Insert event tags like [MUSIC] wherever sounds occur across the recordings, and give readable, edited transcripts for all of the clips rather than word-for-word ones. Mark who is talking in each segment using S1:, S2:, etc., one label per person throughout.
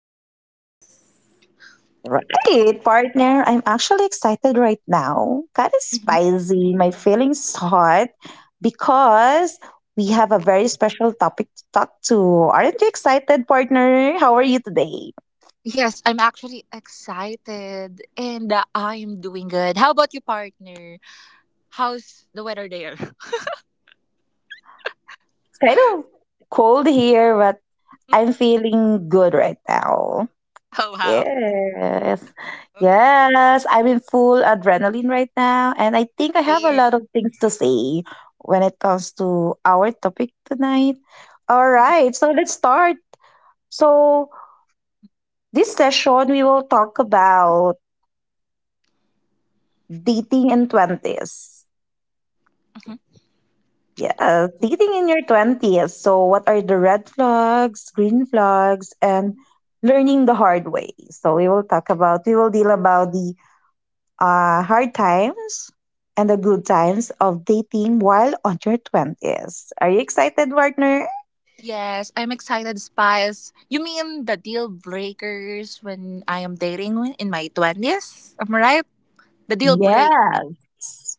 S1: Yes.
S2: Right, partner, I'm actually excited right now. Kind of
S1: Mhm.
S2: spicy, my feelings hot because we have a very special topic to talk to. Aren't you excited, partner? How are you today?
S1: Yes, I'm actually excited and I'm doing good. How about you, partner? How's the weather there? [LAUGHS]
S2: It's kind of cold here, but I'm feeling good right now.
S1: Oh wow.
S2: Yes. Yes. I'm in full adrenaline right now. And I think I have a
S1: Same.
S2: lot of things to say when it comes to our topic tonight. All right. So let's start. So, this session, we will talk about dating in 20s.
S1: Mhm.
S2: Yeah, dating in your 20s. So, what are the red flags, green flags, and learning the hard way? So, we will deal about the hard times and the good times of dating while on your 20s. Are you excited, partner?
S1: Yes, I'm excited, Spice. You mean the deal breakers when I am dating in my 20s? Am I right? The deal break.
S2: Yes.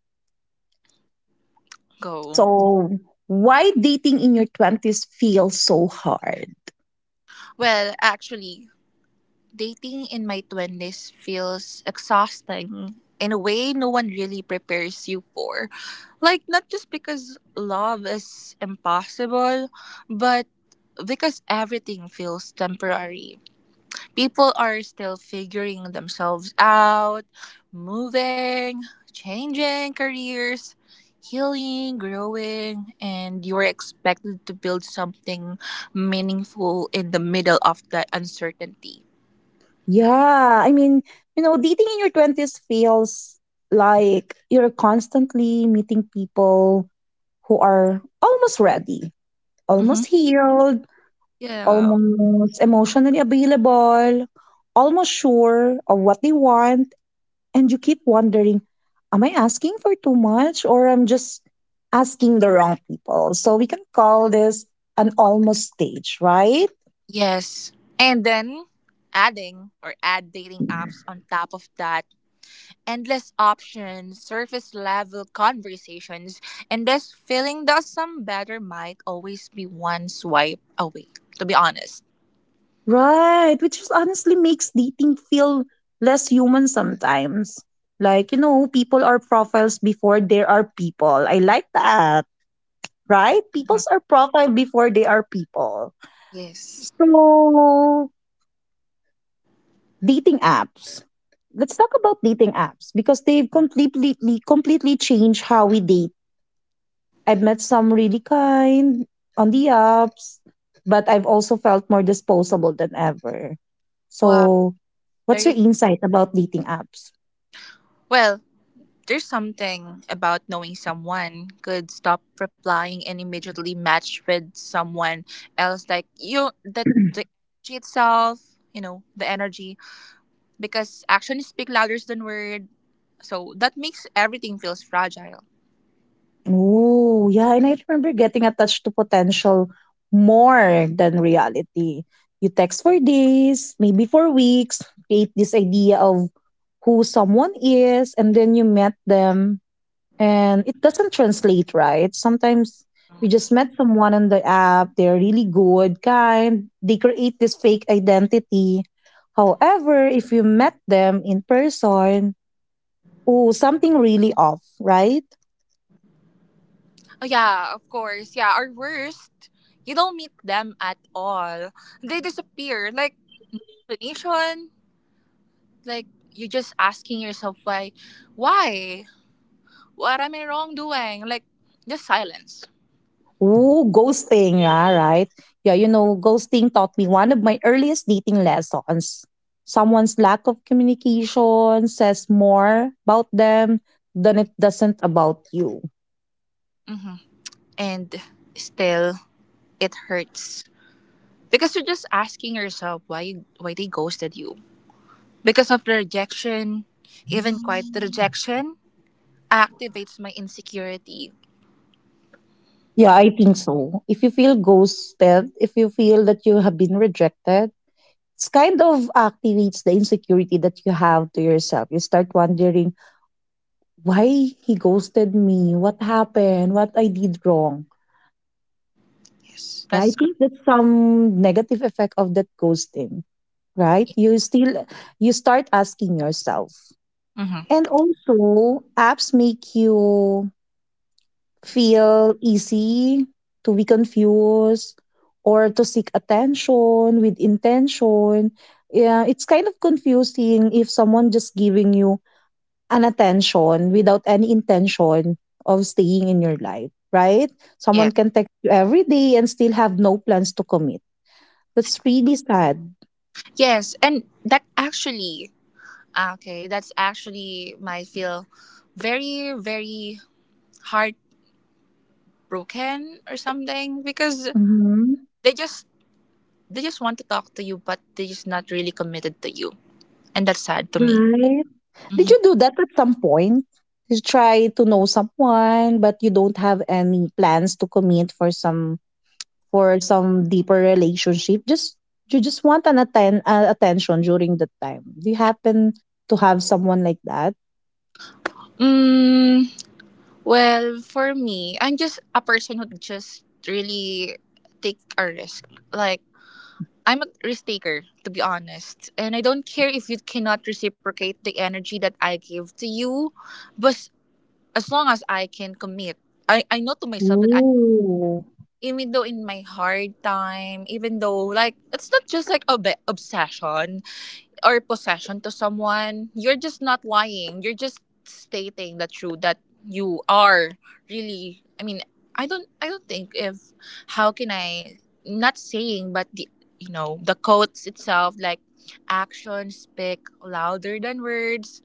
S1: Go.
S2: So, why dating in your 20s feels so hard?
S1: Well, actually, dating in my 20s feels exhausting in a way no one really prepares you for. Like, not just because love is impossible, but because everything feels temporary. People are still figuring themselves out, moving, changing careers, healing, growing, and you're expected to build something meaningful in the middle of that uncertainty.
S2: Yeah, I mean, dating in your 20s feels like you're constantly meeting people who are almost ready,
S1: Mm-hmm.
S2: almost healed,
S1: Yeah.
S2: almost emotionally available, almost sure of what they want. And you keep wondering, am I asking for too much or I'm just asking the wrong people? So we can call this an almost stage, right?
S1: Yes. And then adding or add dating apps on top of that, endless options, surface level conversations, and this feeling that some better might always be one swipe away, to be honest.
S2: Right, which is honestly makes dating feel less human sometimes. Like, people are profiles before there are people. I like that, right?
S1: Mhm.
S2: Peoples are profile before they are people.
S1: Yes.
S2: So, dating apps. Let's talk about dating apps because they've completely changed how we date. I've met some really kind on the apps, but I've also felt more disposable than ever.
S1: Wow.
S2: So, what's your
S1: Very
S2: insight about dating apps?
S1: well. There's something about knowing someone could stop replying and immediately match with someone else. Like you, that the energy itself, you know, the energy because actions speak louder than words. So that makes everything feels fragile.
S2: Oh, yeah, and I remember getting attached to potential more than reality. You text for days, maybe for weeks, create this idea of who someone is, and then you met them, and it doesn't translate, right? Sometimes you just met someone on the app, they're really good, kind, they create this fake identity. However, if you met them in person, oh, something really off, right?
S1: Oh yeah, of course. Yeah, or worst, you don't meet them at all. They disappear. Like explanation. Like you're just asking yourself why? What am I wrong doing? Like just silence.
S2: Ooh, ghosting, yeah, right? Yeah, ghosting taught me one of my earliest dating lessons. Someone's lack of communication says more about them than it doesn't about you.
S1: Hmm. And still, it hurts because you're just asking yourself why they ghosted you because of the rejection, even quiet rejection activates my insecurity.
S2: Yeah, I think so. If you feel ghosted, if you feel that you have been rejected, it's kind of activates the insecurity that you have to yourself. You start wondering why he ghosted me, what happened, what I did wrong.
S1: Yes.
S2: Yeah,
S1: That's
S2: I
S1: correct.
S2: think that's some negative effect of that ghosting, right? You start asking yourself. And
S1: Mm-hmm.
S2: also apps make you feel easy to be confused or to seek attention with intention. Yeah, it's kind of confusing if someone just giving you an attention without any intention of staying in your life, right? Someone
S1: Yes.
S2: can text you every day and still have no plans to commit, that's really sad.
S1: Yes, and that actually, ah, okay, that's actually might feel very, very heartbroken or something because
S2: Hmm.
S1: they just they just want to talk to you, but they're just not really committed to you, and that's sad to me.
S2: Right. Did
S1: Mhm.
S2: you do that at some point? You try to know someone, but you don't have any plans to commit for some deeper relationship. Just you just want attention during that time. Do you happen to have someone like that?
S1: Mm, well, for me, I'm just a person who just really take a risk. Like I'm a risk taker, to be honest. And I don't care if you cannot reciprocate the energy that I give to you, but as long as I can commit, I know to myself that I,
S2: Ooh.
S1: even though in my hard time, even though like, it's not just like a obsession, or possession to someone, you're just not lying. You're just stating the truth that you are really. I mean, I don't. I don't think if how can I not saying, but the you know the quotes itself like actions speak louder than words.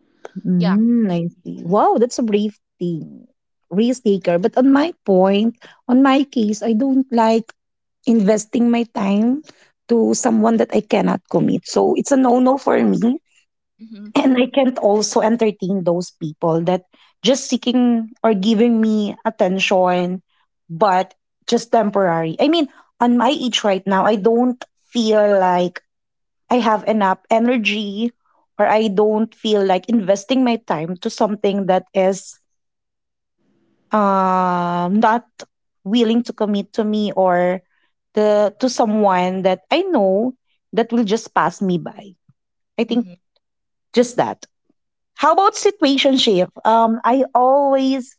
S1: Yeah.
S2: Mm, I see. Wow, that's a brave thing. Risk taker. But on my case, I don't like investing my time to someone that I cannot commit. So it's a no no for me. [LAUGHS]
S1: Hmm.
S2: And I can't also entertain those people that just seeking or giving me attention, but just temporary. I mean, on my age right now, I don't feel like I have enough energy or I don't feel like investing my time to something that is not willing to commit to me or the to someone that I know that will just pass me by. I think
S1: Hmm.
S2: just that. How about situationship? I always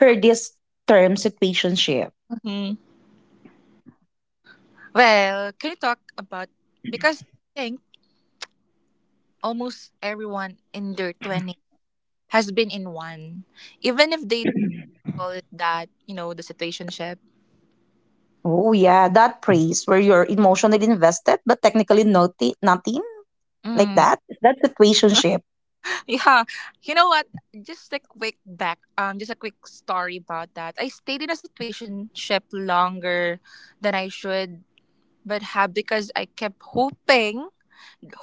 S2: heard this term situationship.
S1: Hmm. Well, can you talk about because I think almost everyone in their twenties has been in one even if they call it that, you know, the situationship.
S2: Oh yeah, that praise where you're emotionally invested but technically nothing like
S1: Mm.
S2: that. Is that situationship?
S1: [LAUGHS] Yeah, you know what? Just a quick back, just a quick story about that. I stayed in a situation ship longer than I should, but have because I kept hoping,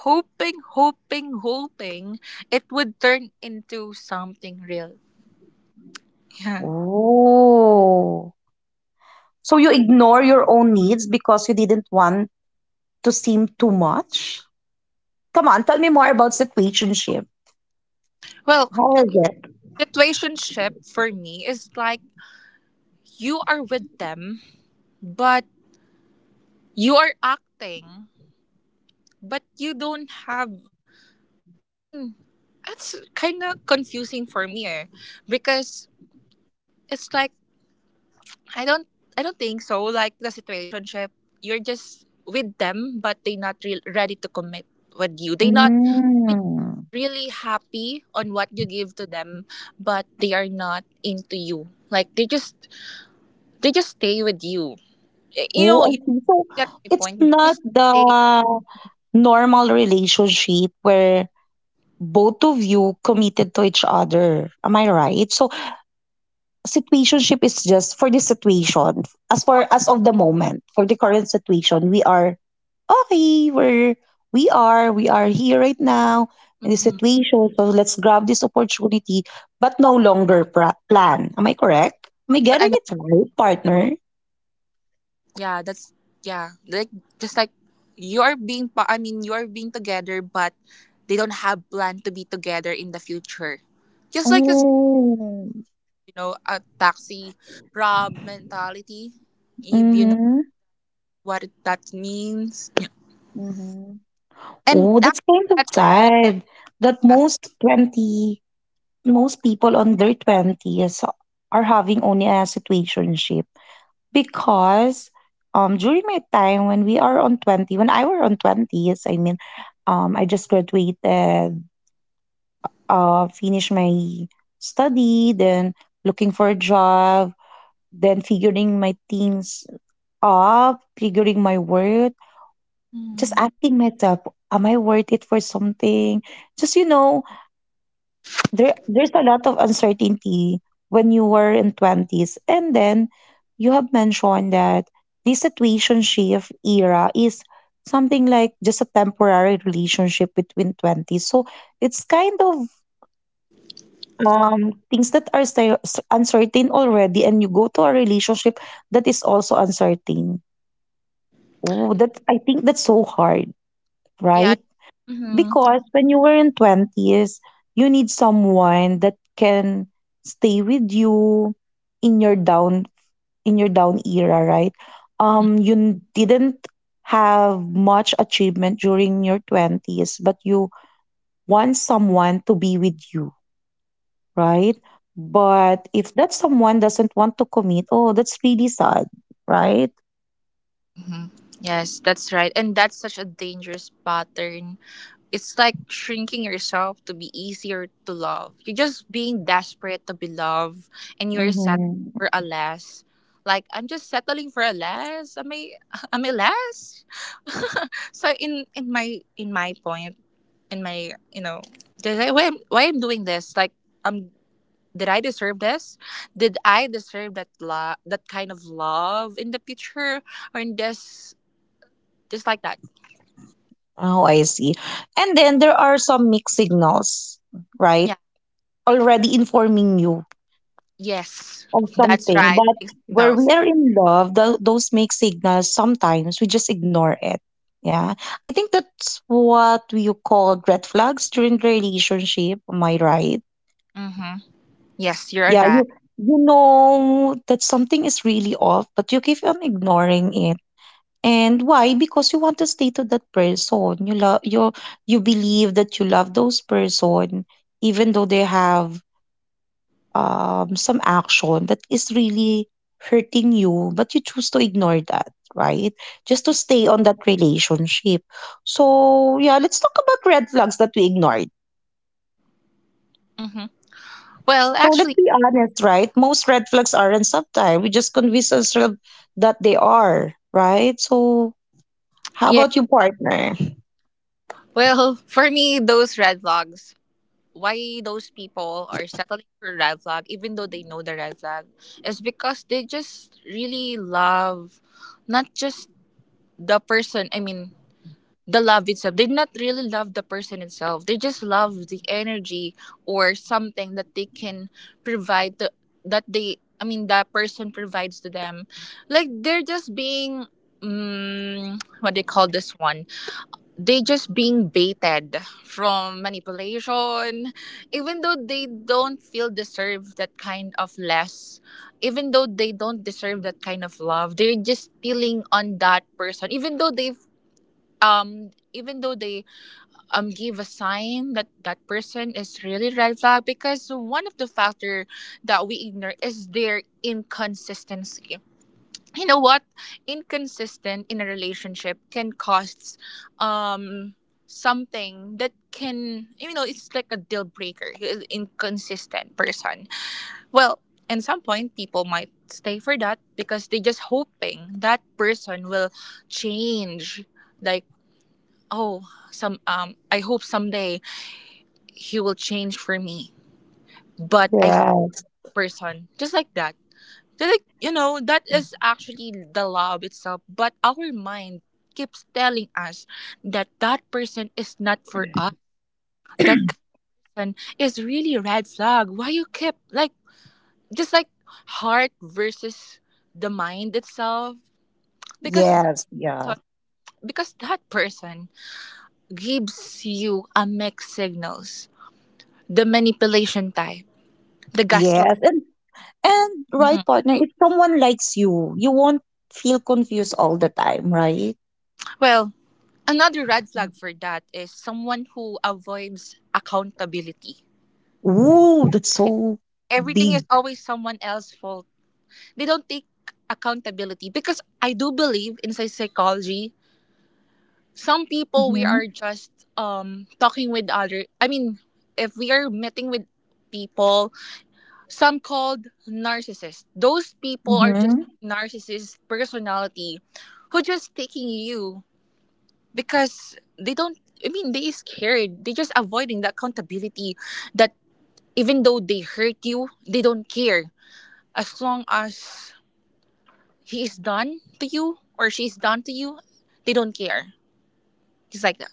S1: hoping, hoping, hoping it would turn into something real. [LAUGHS] Yeah.
S2: Oh. So you ignore your own needs because you didn't want to seem too much? Come on, tell me more about situationship.
S1: Well,
S2: How is it?
S1: situation ship for me is like you are with them, but you are acting, but you don't have I mean, that's kind of confusing for me eh, because it's like I don't I don't think so like the situationship you're just with them but they not real ready to commit with you. They not they
S2: Mm.
S1: really happy on what you give to them but they are not into you. Like they just stay with you. You know,
S2: Oh, I
S1: you
S2: see. So
S1: get my
S2: it's
S1: point. They
S2: not
S1: just stay.
S2: the normal relationship where both of you committed to each other. Am I right? So situationship is just for the situation. As of the moment, for the current situation, we are okay. We are here right now in the
S1: Mm,
S2: situation. So let's grab this opportunity, but no longer plan. Am I correct? Am I
S1: but I'm
S2: getting
S1: not.
S2: it right, partner?
S1: Yeah, that's yeah. Like just like you're being I mean you're being together but they don't have plan to be together in the future. Just like this
S2: Oh,
S1: you know, a taxi rob mentality if you know
S2: mm-hmm,
S1: what that means.
S2: mm-hmm.
S1: And
S2: Oh,
S1: that,
S2: that's kind of
S1: that's
S2: sad that
S1: yeah.
S2: most 20 most people on their 20s are having only a situationship because during my time, when we are on 20 when I were on 20s, I mean, I just graduated, finished my study, then looking for a job, then figuring my things up, figuring my worth, just
S1: Mm,
S2: asking myself am I worth it for something. Just there's a lot of uncertainty when you were in 20s. And then you have mentioned that this situationship era is something like just a temporary relationship between 20s, so it's kind of things that are uncertain already, and you go to a relationship that is also uncertain. Oh, that I think that's so hard, right?
S1: yeah. Mhm.
S2: Because when you were in 20s, you need someone that can stay with you in your down in your down era, right? You didn't have much achievement during your 20s, but you want someone to be with you, right? But if that someone doesn't want to commit, oh, that's really sad, right?
S1: Mhm. Yes, that's right. And that's such a dangerous pattern. It's like shrinking yourself to be easier to love. You're just being desperate to be loved and you're
S2: Mm-hmm.
S1: settling for a less. Like I'm just settling for a less. Am I [LAUGHS] am I less? [LAUGHS] So in my point, in my you know why I'm doing this? Like um did I deserve this? Did I deserve that love, that kind of love in the future or in this just like that?
S2: Oh, I see. And then there are some mixed signals, right?
S1: Yeah.
S2: Already informing you
S1: Yes.
S2: of
S1: That's
S2: something.
S1: right.
S2: But
S1: Big
S2: where we
S1: signals.
S2: are in love, those mixed signals, sometimes we just ignore it. Yeah. I think that's what you call red flags during the relationship. Am I right?
S1: Mm-hmm. Yes, you're
S2: Yeah.
S1: right.
S2: You know that something is really off, but you keep on ignoring it. And why? Because you want to stay to that person. You believe that you love those person, even though they have some action that is really hurting you, but you choose to ignore that, right? Just to stay on that relationship. So yeah, let's talk about red flags that we ignored.
S1: Mm-hmm. Well,
S2: So let's
S1: actually,
S2: be honest, right? Most red flags aren't subtle. We just convince ourselves that they are, right? So how
S1: yeah.
S2: about you, partner?
S1: Well, [LAUGHS] for me, those red flags, why those people are settling for red flag, even though they know the red flag, is because they just really love not just the person, I mean, the love itself. They not really love the person itself. They just love the energy or something that they can provide to that they I mean that person provides to them. Like they're just being what they call this one. They just being baited from manipulation. Even though they don't feel deserve that kind of less, even though they don't deserve that kind of love, they're just stealing on that person. Even though they give a sign that that person is really red flag because one of the factor that we ignore is their inconsistency. You know what inconsistent in a relationship can cost um something that can you know it's like a deal breaker. He's inconsistent person. Well, at some point people might stay for that because they just hoping that person will change. Like oh some I hope someday he will change for me but I
S2: Yeah.
S1: person just like that. Just like you know that is actually the love itself but our mind keeps telling us that that person is not for us, that person is really red flag. Why you keep like just like heart versus the mind itself because
S2: Yes. Yeah.
S1: person- that person gives you a mixed signals, the manipulation type. The gaslight.
S2: Yes. And right,
S1: Mhm.
S2: partner, if someone likes you, you won't feel confused all the time, right?
S1: Well, another red flag for that is someone who avoids accountability.
S2: Ooh, that's
S1: Yeah.
S2: so
S1: Everything is
S2: big.
S1: always someone else's fault. They don't take accountability because I do believe in psychology, some people we
S2: Mm-hmm.
S1: are just talking with other. I mean, if we are meeting with people, some called narcissists. Those people are just
S2: Mm-hmm.
S1: narcissist personality who just taking you because they don't I mean they scared, they just avoiding the accountability that even though they hurt you they don't care. As long as he is done to you or she is done to you they don't care. It's like that.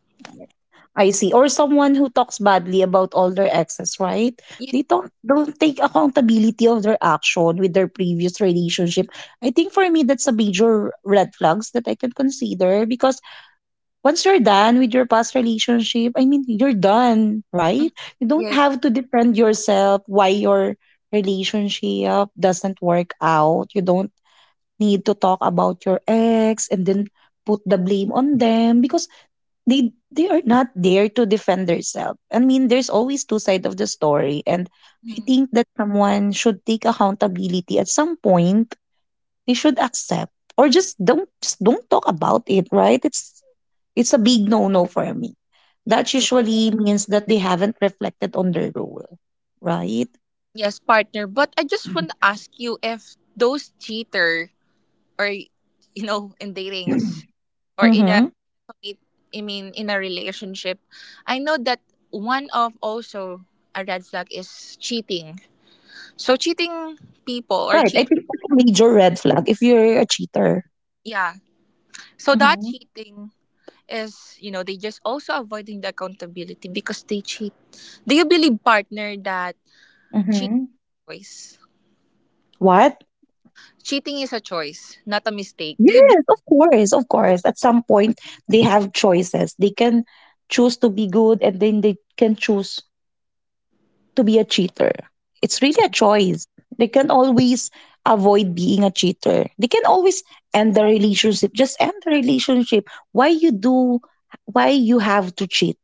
S2: I see. Or someone who talks badly about all their exes, right?
S1: Yeah.
S2: They don't take accountability of their action with their previous relationship. I think for me that's a major red flags that I can consider because once you're done with your past relationship, I mean, you're done,
S1: Mm,
S2: right? You don't
S1: yeah.
S2: have to defend yourself why your relationship doesn't work out. You don't need to talk about your ex and then put the blame on them because they are not there to defend themselves. I mean, there's always two sides of the story, and I
S1: Mhm,
S2: think that someone should take accountability at some point. They should accept or just don't talk about it, right? It's a big no-no for me. That
S1: yeah.
S2: usually means that they haven't reflected on their role, right?
S1: Yes partner, but I just want to ask you if those cheaters or you know in datings or in a
S2: Mm-hmm.
S1: commit- I mean in a relationship, I know that one of also a red flag is cheating. So cheating people or
S2: Right. I
S1: cheat.
S2: think that's a major red flag if you're a cheater.
S1: Yeah, so that
S2: Mm-hmm.
S1: cheating is you know they just also avoiding the accountability because they cheat. Do you believe partner that cheat
S2: Mm-hmm.
S1: is choice,
S2: What?
S1: cheating is a choice not a mistake, do you.
S2: Yes, of course, of course. At some point, they have choices. They can choose to be good, and then they can choose to be a cheater. It's really a choice. They can always avoid being a cheater. They can always end the relationship. Just end the relationship. Why you do why you have to cheat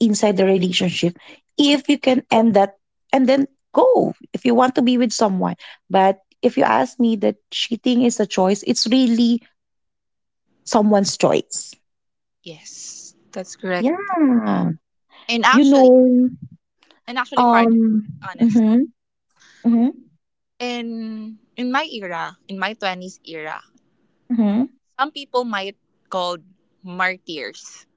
S2: inside the relationship if you can end that and then go if you want to be with someone. But if you ask me that cheating is a choice, it's really someone's choice.
S1: Yes, that's correct.
S2: Yeah.
S1: And
S2: You
S1: actually,
S2: know,
S1: and actually,
S2: um
S1: partner, honest,
S2: mhm, mhm,
S1: in my era, in my twenties era,
S2: mhm,
S1: some people might called martyrs.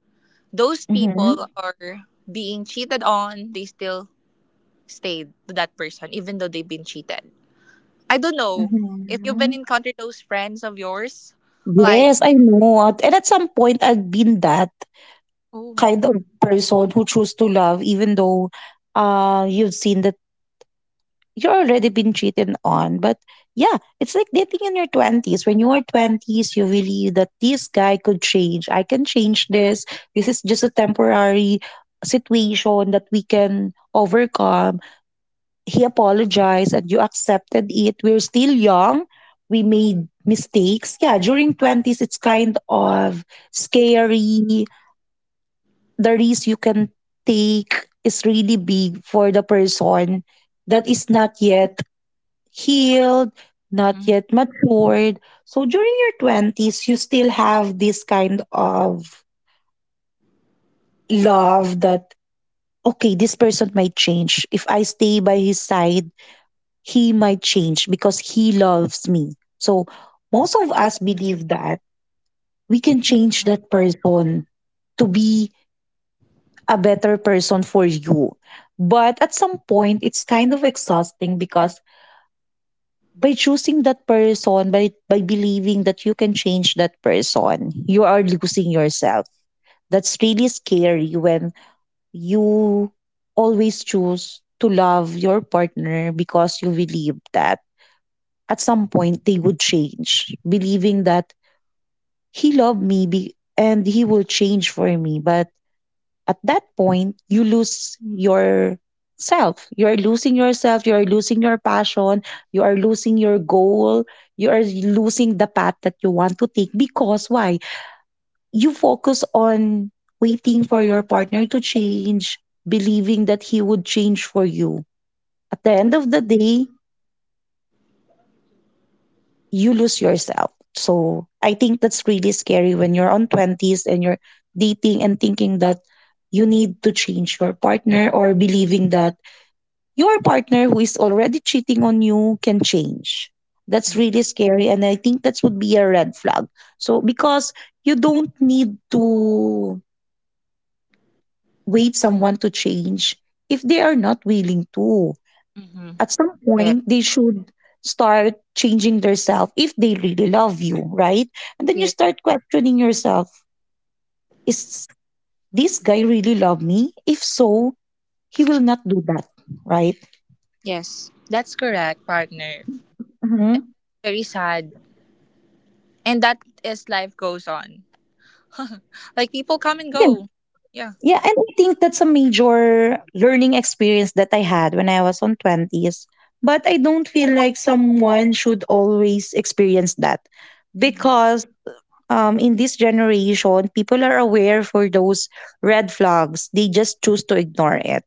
S1: Those
S2: mhm.
S1: people are being cheated on. They still stayed to that person, even though they've been cheated. I don't know if you've been
S2: Mhm.
S1: encountered those friends of yours, like
S2: Yes, I know. And at some point, I've been that
S1: oh,
S2: kind of person who choose to love, even though you've seen that you're already been cheated on. But yeah, it's like dating in your 20s. When you are 20s, you believe that this guy could change. I can change this. This is just a temporary situation that we can overcome. He apologized and you accepted it. We're still young. We made mistakes. Yeah, during 20s, it's kind of scary. The risk you can take is really big for the person that is not yet healed, not
S1: mm-hmm,
S2: yet matured. So during your 20s, you still have this kind of love that, okay, this person might change. If I stay by his side, he might change because he loves me. So most of us believe that we can change that person to be a better person for you. But at some point, it's kind of exhausting because by choosing that person, by believing that you can change that person, you are losing yourself. That's really scary when you always choose to love your partner because you believe that at some point they would change, believing that he loved me and he will change for me. But at that point, you lose your self. You are losing yourself. You are losing your passion. You are losing your goal. You are losing the path that you want to take because why? You focus on waiting for your partner to change, believing that he would change for you. At the end of the day, you lose yourself. So I think that's really scary when you're on 20s and you're dating and thinking that you need to change your partner or believing that your partner who is already cheating on you can change. That's really scary. And I think that would be a red flag. So because you don't need to wait someone to change if they are not willing to,
S1: mm-hmm.
S2: at some
S1: yes,
S2: point they should start changing themselves if they really love you, right? And then you
S1: yes,
S2: start questioning yourself, is this guy really love me? If so, he will not do that, right?
S1: yes, that's correct, partner.
S2: Hmm.
S1: Very sad, and that is life goes on. [LAUGHS] Like people come and
S2: Yeah,
S1: go. Yeah.
S2: yeah, and I think that's a major learning experience that I had when I was on twenties. But I don't feel like someone should always experience that
S1: Hmm.
S2: because in this generation, people are aware for those red flags. They just choose to ignore it.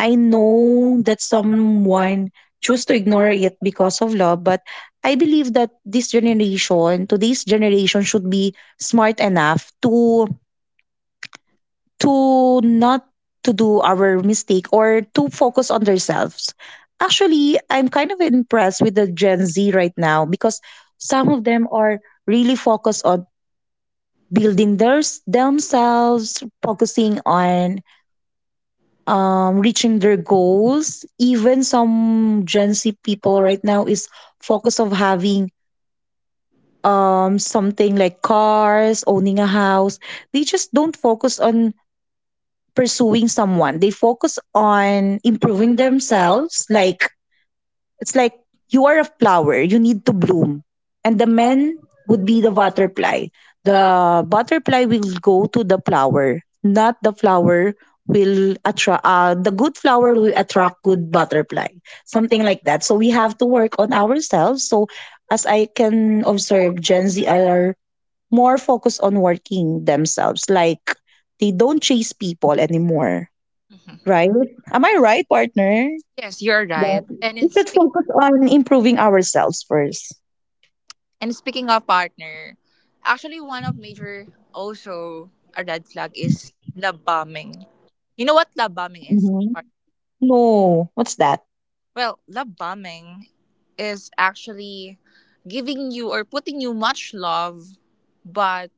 S2: I know that someone choose to ignore it because of love, but I believe that this generation, today's generation, should be smart enough to not to do our mistake or to focus on themselves. Actually, I'm kind of impressed with the Gen Z right now because some of them are really focused on building their themselves, focusing on reaching their goals. Even some Gen Z people right now is focused of having something like cars, owning a house. They just don't focus on pursuing someone. They focus on improving themselves, like it's like you are a flower, you need to bloom. And the men would be the butterfly. The butterfly will go to the flower, not the good flower will attract good butterfly, something like that, so we have to work on ourselves. So as I can observe, Gen Z are more focused on working themselves, like they don't chase people anymore,
S1: Mhm.
S2: right? Am I right, partner?
S1: Yes, you're right.
S2: But
S1: And
S2: we
S1: it's
S2: should
S1: speaking.
S2: focus on improving ourselves first.
S1: And speaking of partner, actually one of major also a red flag is love bombing. You know what love bombing is?
S2: Mhm.
S1: Mark?
S2: No, what's that?
S1: Well, love bombing is actually giving you or putting you much love but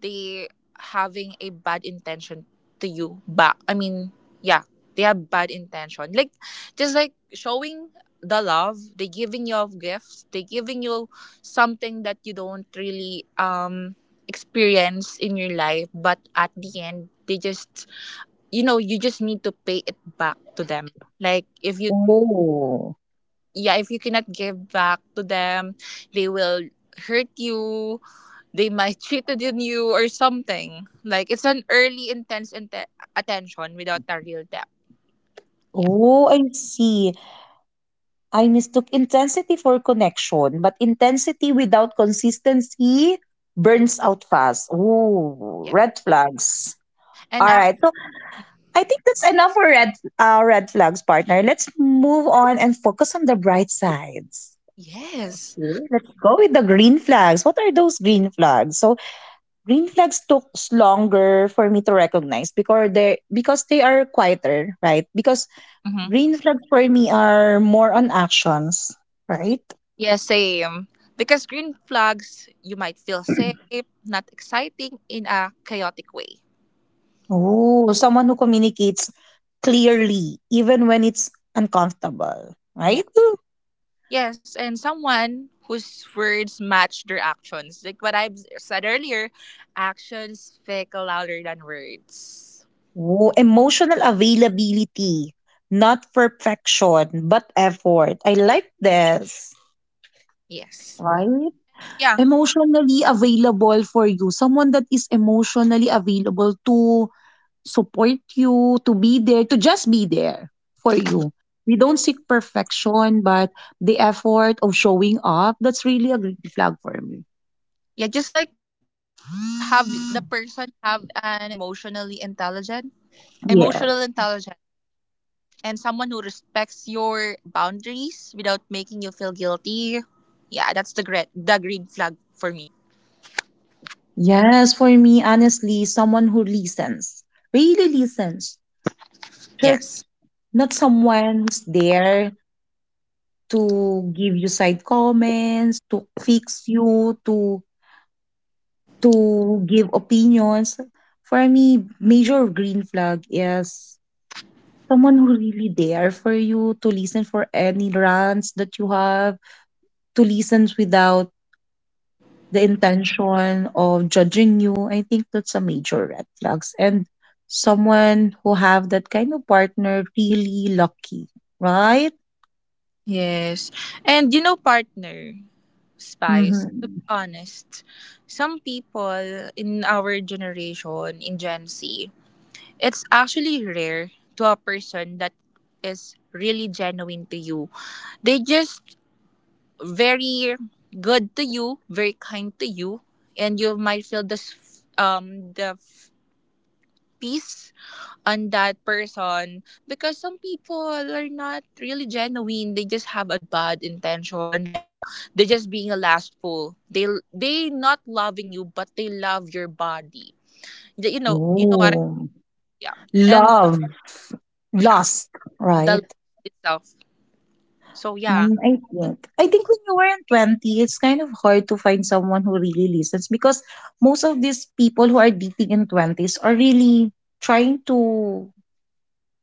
S1: they having a bad intention to you back. I mean, yeah, they have bad intention. Like just like showing the love, they giving you gifts, they giving you something that you don't really experience in your life, but at the end they just you know, you just need to pay it back to them. Like if you
S2: Oh.
S1: yeah, if you cannot give back to them, they will hurt you, they might cheated on you or something. Like it's an early intense attention without a real depth. Yeah,
S2: Oh, I see. I mistook intensity for connection, but intensity without consistency burns out fast. Oh,
S1: yeah.
S2: red flags. All
S1: And actually,
S2: right. So I think that's enough for red flags, partner. Let's move on and focus on the bright sides.
S1: yes,
S2: Okay. Let's go with the green flags. What are those green flags? So green flags took longer for me to recognize because they are quieter, right? Because
S1: mm-hmm.
S2: green flags for me are more on actions, right?
S1: Yeah, same. Because green flags, you might feel safe, not exciting in a chaotic way.
S2: Oh, someone who communicates clearly even when it's uncomfortable, right?
S1: Yeah, yes. And someone whose words match their actions, like what I've said earlier, actions speak louder than words.
S2: Oh, emotional availability, not perfection but effort. I like this,
S1: Yes.
S2: right?
S1: Yeah.
S2: Emotionally available for you, someone that is emotionally available to support you, to be there, to just be there for you. We don't seek perfection, but the effort of showing up, that's really a green flag for me.
S1: Yeah, just like have the person have an emotional
S2: Yeah.
S1: intelligent, and someone who respects your boundaries without making you feel guilty. Yeah, that's the green flag for me.
S2: Yes, for me, honestly, someone who listens, really listens. Just
S1: Yes.
S2: not someone who's there to give you side comments, to fix you, to give opinions. For me, major green flag is someone who really there for you to listen for any rants that you have, to listen without the intention of judging you. I think that's a major red flags, and someone who have that kind of partner really lucky, right?
S1: Yes. And you know, partner, Spice, to
S2: mm-hmm.
S1: be honest, some people in our generation, in Gen Z, it's actually rare to a person that is really genuine to you. They just very good to you, very kind to you, and you might feel the peace on that person because some people are not really genuine. They just have a bad intention, like they're just being a lastful. They not loving you, but they love your body. You know what I
S2: Oh.
S1: mean? Yeah, and
S2: Love,
S1: yeah,
S2: lust,
S1: the love
S2: right?
S1: itself. So yeah,
S2: I think when you were in 20, it's kind of hard to find someone who really listens because most of these people who are dating in 20s are really trying to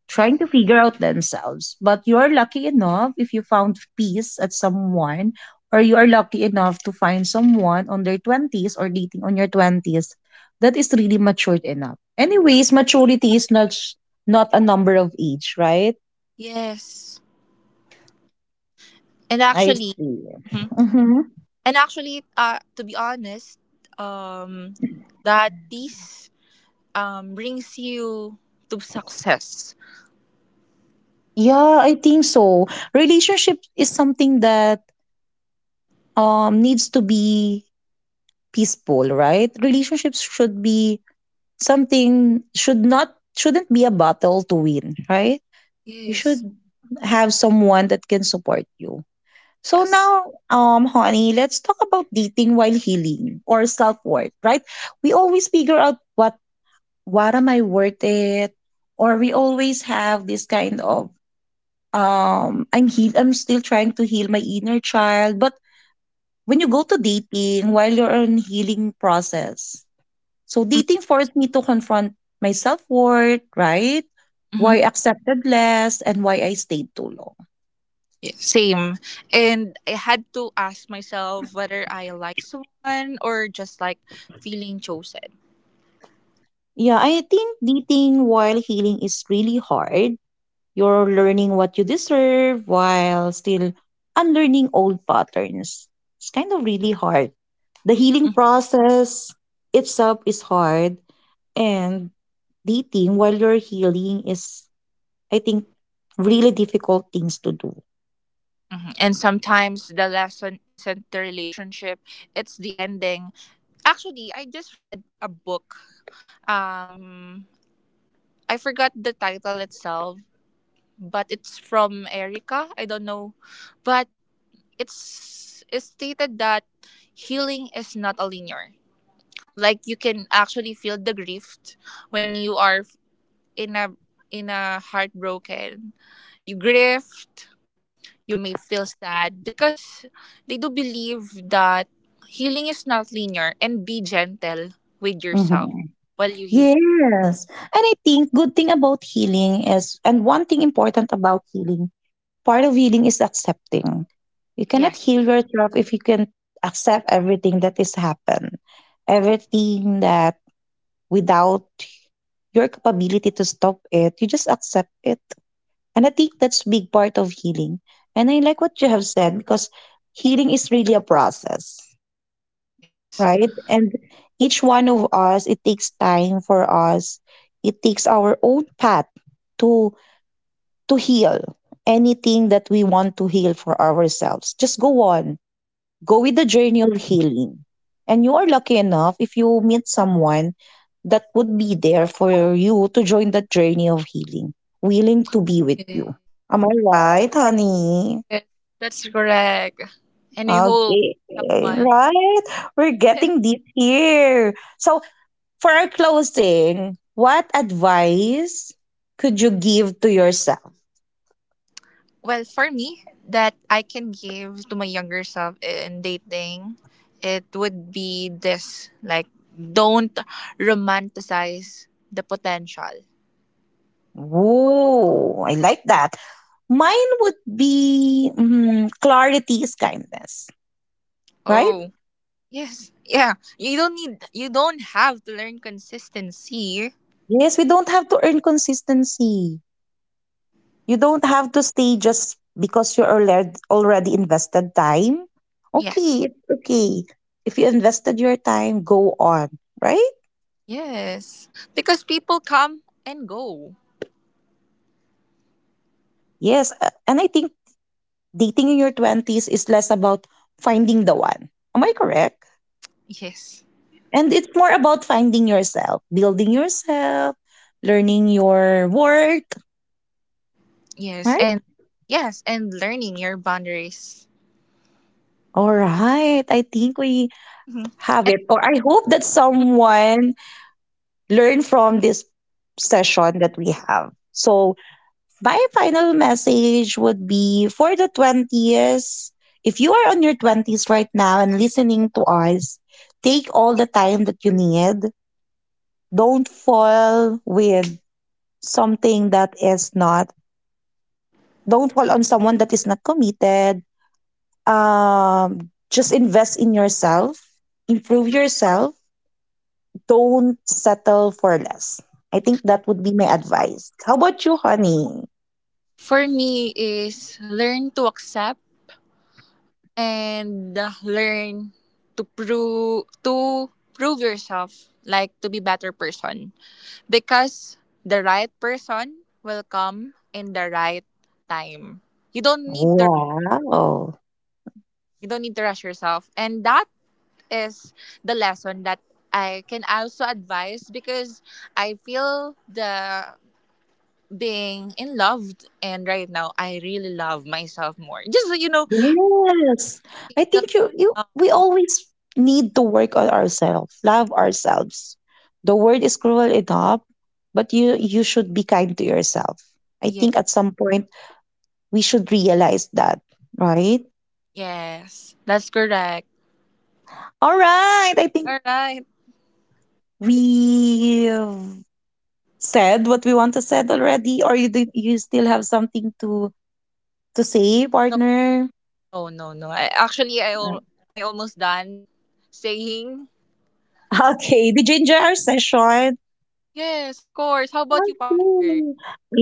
S2: trying to figure out themselves. But you are lucky enough if you found peace at someone, or you are lucky enough to find someone on their 20s or dating on your 20s that is really matured enough. Anyways, maturity is not a number of age, right?
S1: yes, and
S2: I
S1: actually.
S2: see.
S1: Mm-hmm.
S2: Mm-hmm.
S1: And actually, to be honest, um, that peace brings you to success.
S2: Yeah, I think so. Relationship is something that needs to be peaceful, right? Relationships should be something shouldn't be a battle to win, right? You should
S1: Yes.
S2: have someone that can support you. So
S1: Yes.
S2: now, honey, let's talk about dating while healing or self-worth, right? We always figure out what am I worth it? Or we always have this kind of I'm still trying to heal my inner child. But when you go to dating while you're in healing process, so dating forced me to confront my self-worth, right?
S1: Mm-hmm.
S2: Why I accepted less and why I stayed too long.
S1: Yes. Same. And I had to ask myself whether I like someone or just like feeling chosen.
S2: Yeah, I think dating while healing is really hard. You're learning what you deserve while still unlearning old patterns. It's kind of really hard. The healing process itself is hard, and dating while you're healing is, I think, really difficult things to do.
S1: Mhm. And sometimes the lesson isn't the relationship, it's the ending. Actually, I just read a book. Um, I forgot the title itself, but it's from Erica. I don't know, but it's stated that healing is not a linear. Like you can actually feel the grief when you are in a in a heartbroken. You grieved. You may feel sad because they do believe that healing is not linear and be gentle with yourself
S2: Mm-hmm.
S1: while you heal.
S2: Yes. And I think good thing about healing is, and one thing important about healing, part of healing is accepting. You cannot
S1: Yes,
S2: heal yourself if you can accept everything that is happened. Everything that without your capability to stop it, you just accept it. And I think that's big part of healing. And I like what you have said because healing is really a process,
S1: yes,
S2: right? And each one of us, it takes time for us. It takes our own path to to heal anything that we want to heal for ourselves. Just go with the journey of healing. And you are lucky enough if you meet someone that would be there for you to join that journey of healing, willing to be with
S1: yes.
S2: you. Am I right, honey?
S1: That's correct. And I hope
S2: Okay,
S1: someone.
S2: right? We're getting deep here. So, for our closing, what advice could you give to yourself?
S1: Well, for me, that I can give to my younger self in dating, it would be this like, don't romanticize the potential.
S2: Ooh, I like that. Mine would be clarity is kindness, right?
S1: Oh, yes. Yeah. You don't need, you don't have to learn consistency.
S2: Yes, we don't have to earn consistency. You don't have to stay just because you're already invested time.
S1: Yes.
S2: Okay, it's okay. If you invested your time, go on, right?
S1: Yes. Because people come and go.
S2: Yes, and I think dating in your 20s is less about finding the one. Am I correct?
S1: Yes.
S2: And it's more about finding yourself, building yourself, learning your worth,
S1: Yes.
S2: right?
S1: And yes. And learning your boundaries.
S2: All right. I think we
S1: Mhm.
S2: have it.
S1: And
S2: Or I hope that someone learn from this session that we have. So, my final message would be for the 20s, if you are on your 20s right now and listening to us, take all the time that you need. Don't fall with something that is not, don't fall on someone that is not committed. Just invest in yourself, improve yourself, don't settle for less. I think that would be my advice. How about you, honey?
S1: for me, is learn to accept and learn to prove yourself like to be better person because the right person will come in the right time. You don't need to
S2: Wow.
S1: you don't need to rush yourself and that is the lesson that I can also advise because I feel the being in love and right now I really love myself more, just so you know,
S2: Yes. I
S1: single
S2: think you you
S1: now.
S2: we always need to work on ourselves, love ourselves. The world is cruel enough, but you should be kind to yourself. I
S1: Yeah.
S2: think at some point we should realize that, right?
S1: Yes, that's correct.
S2: All right. I think
S1: Alright.
S2: we've said what we want to said already, or you do, you still have something to say,
S1: No,
S2: partner?
S1: no. I, actually,
S2: [LAUGHS]
S1: I almost done saying.
S2: Okay, did you enjoy our session?
S1: Yes, of course. How about you, partner?
S2: Okay.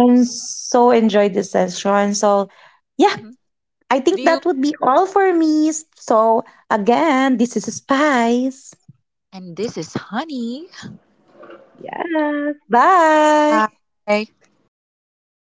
S2: I so enjoyed this session. So, yeah,
S1: Mhm.
S2: I
S1: Do
S2: think
S1: you?
S2: that would be all for me. So, again, this is Spice.
S1: And this is honey.
S2: Yeah. Bye.
S1: Hi.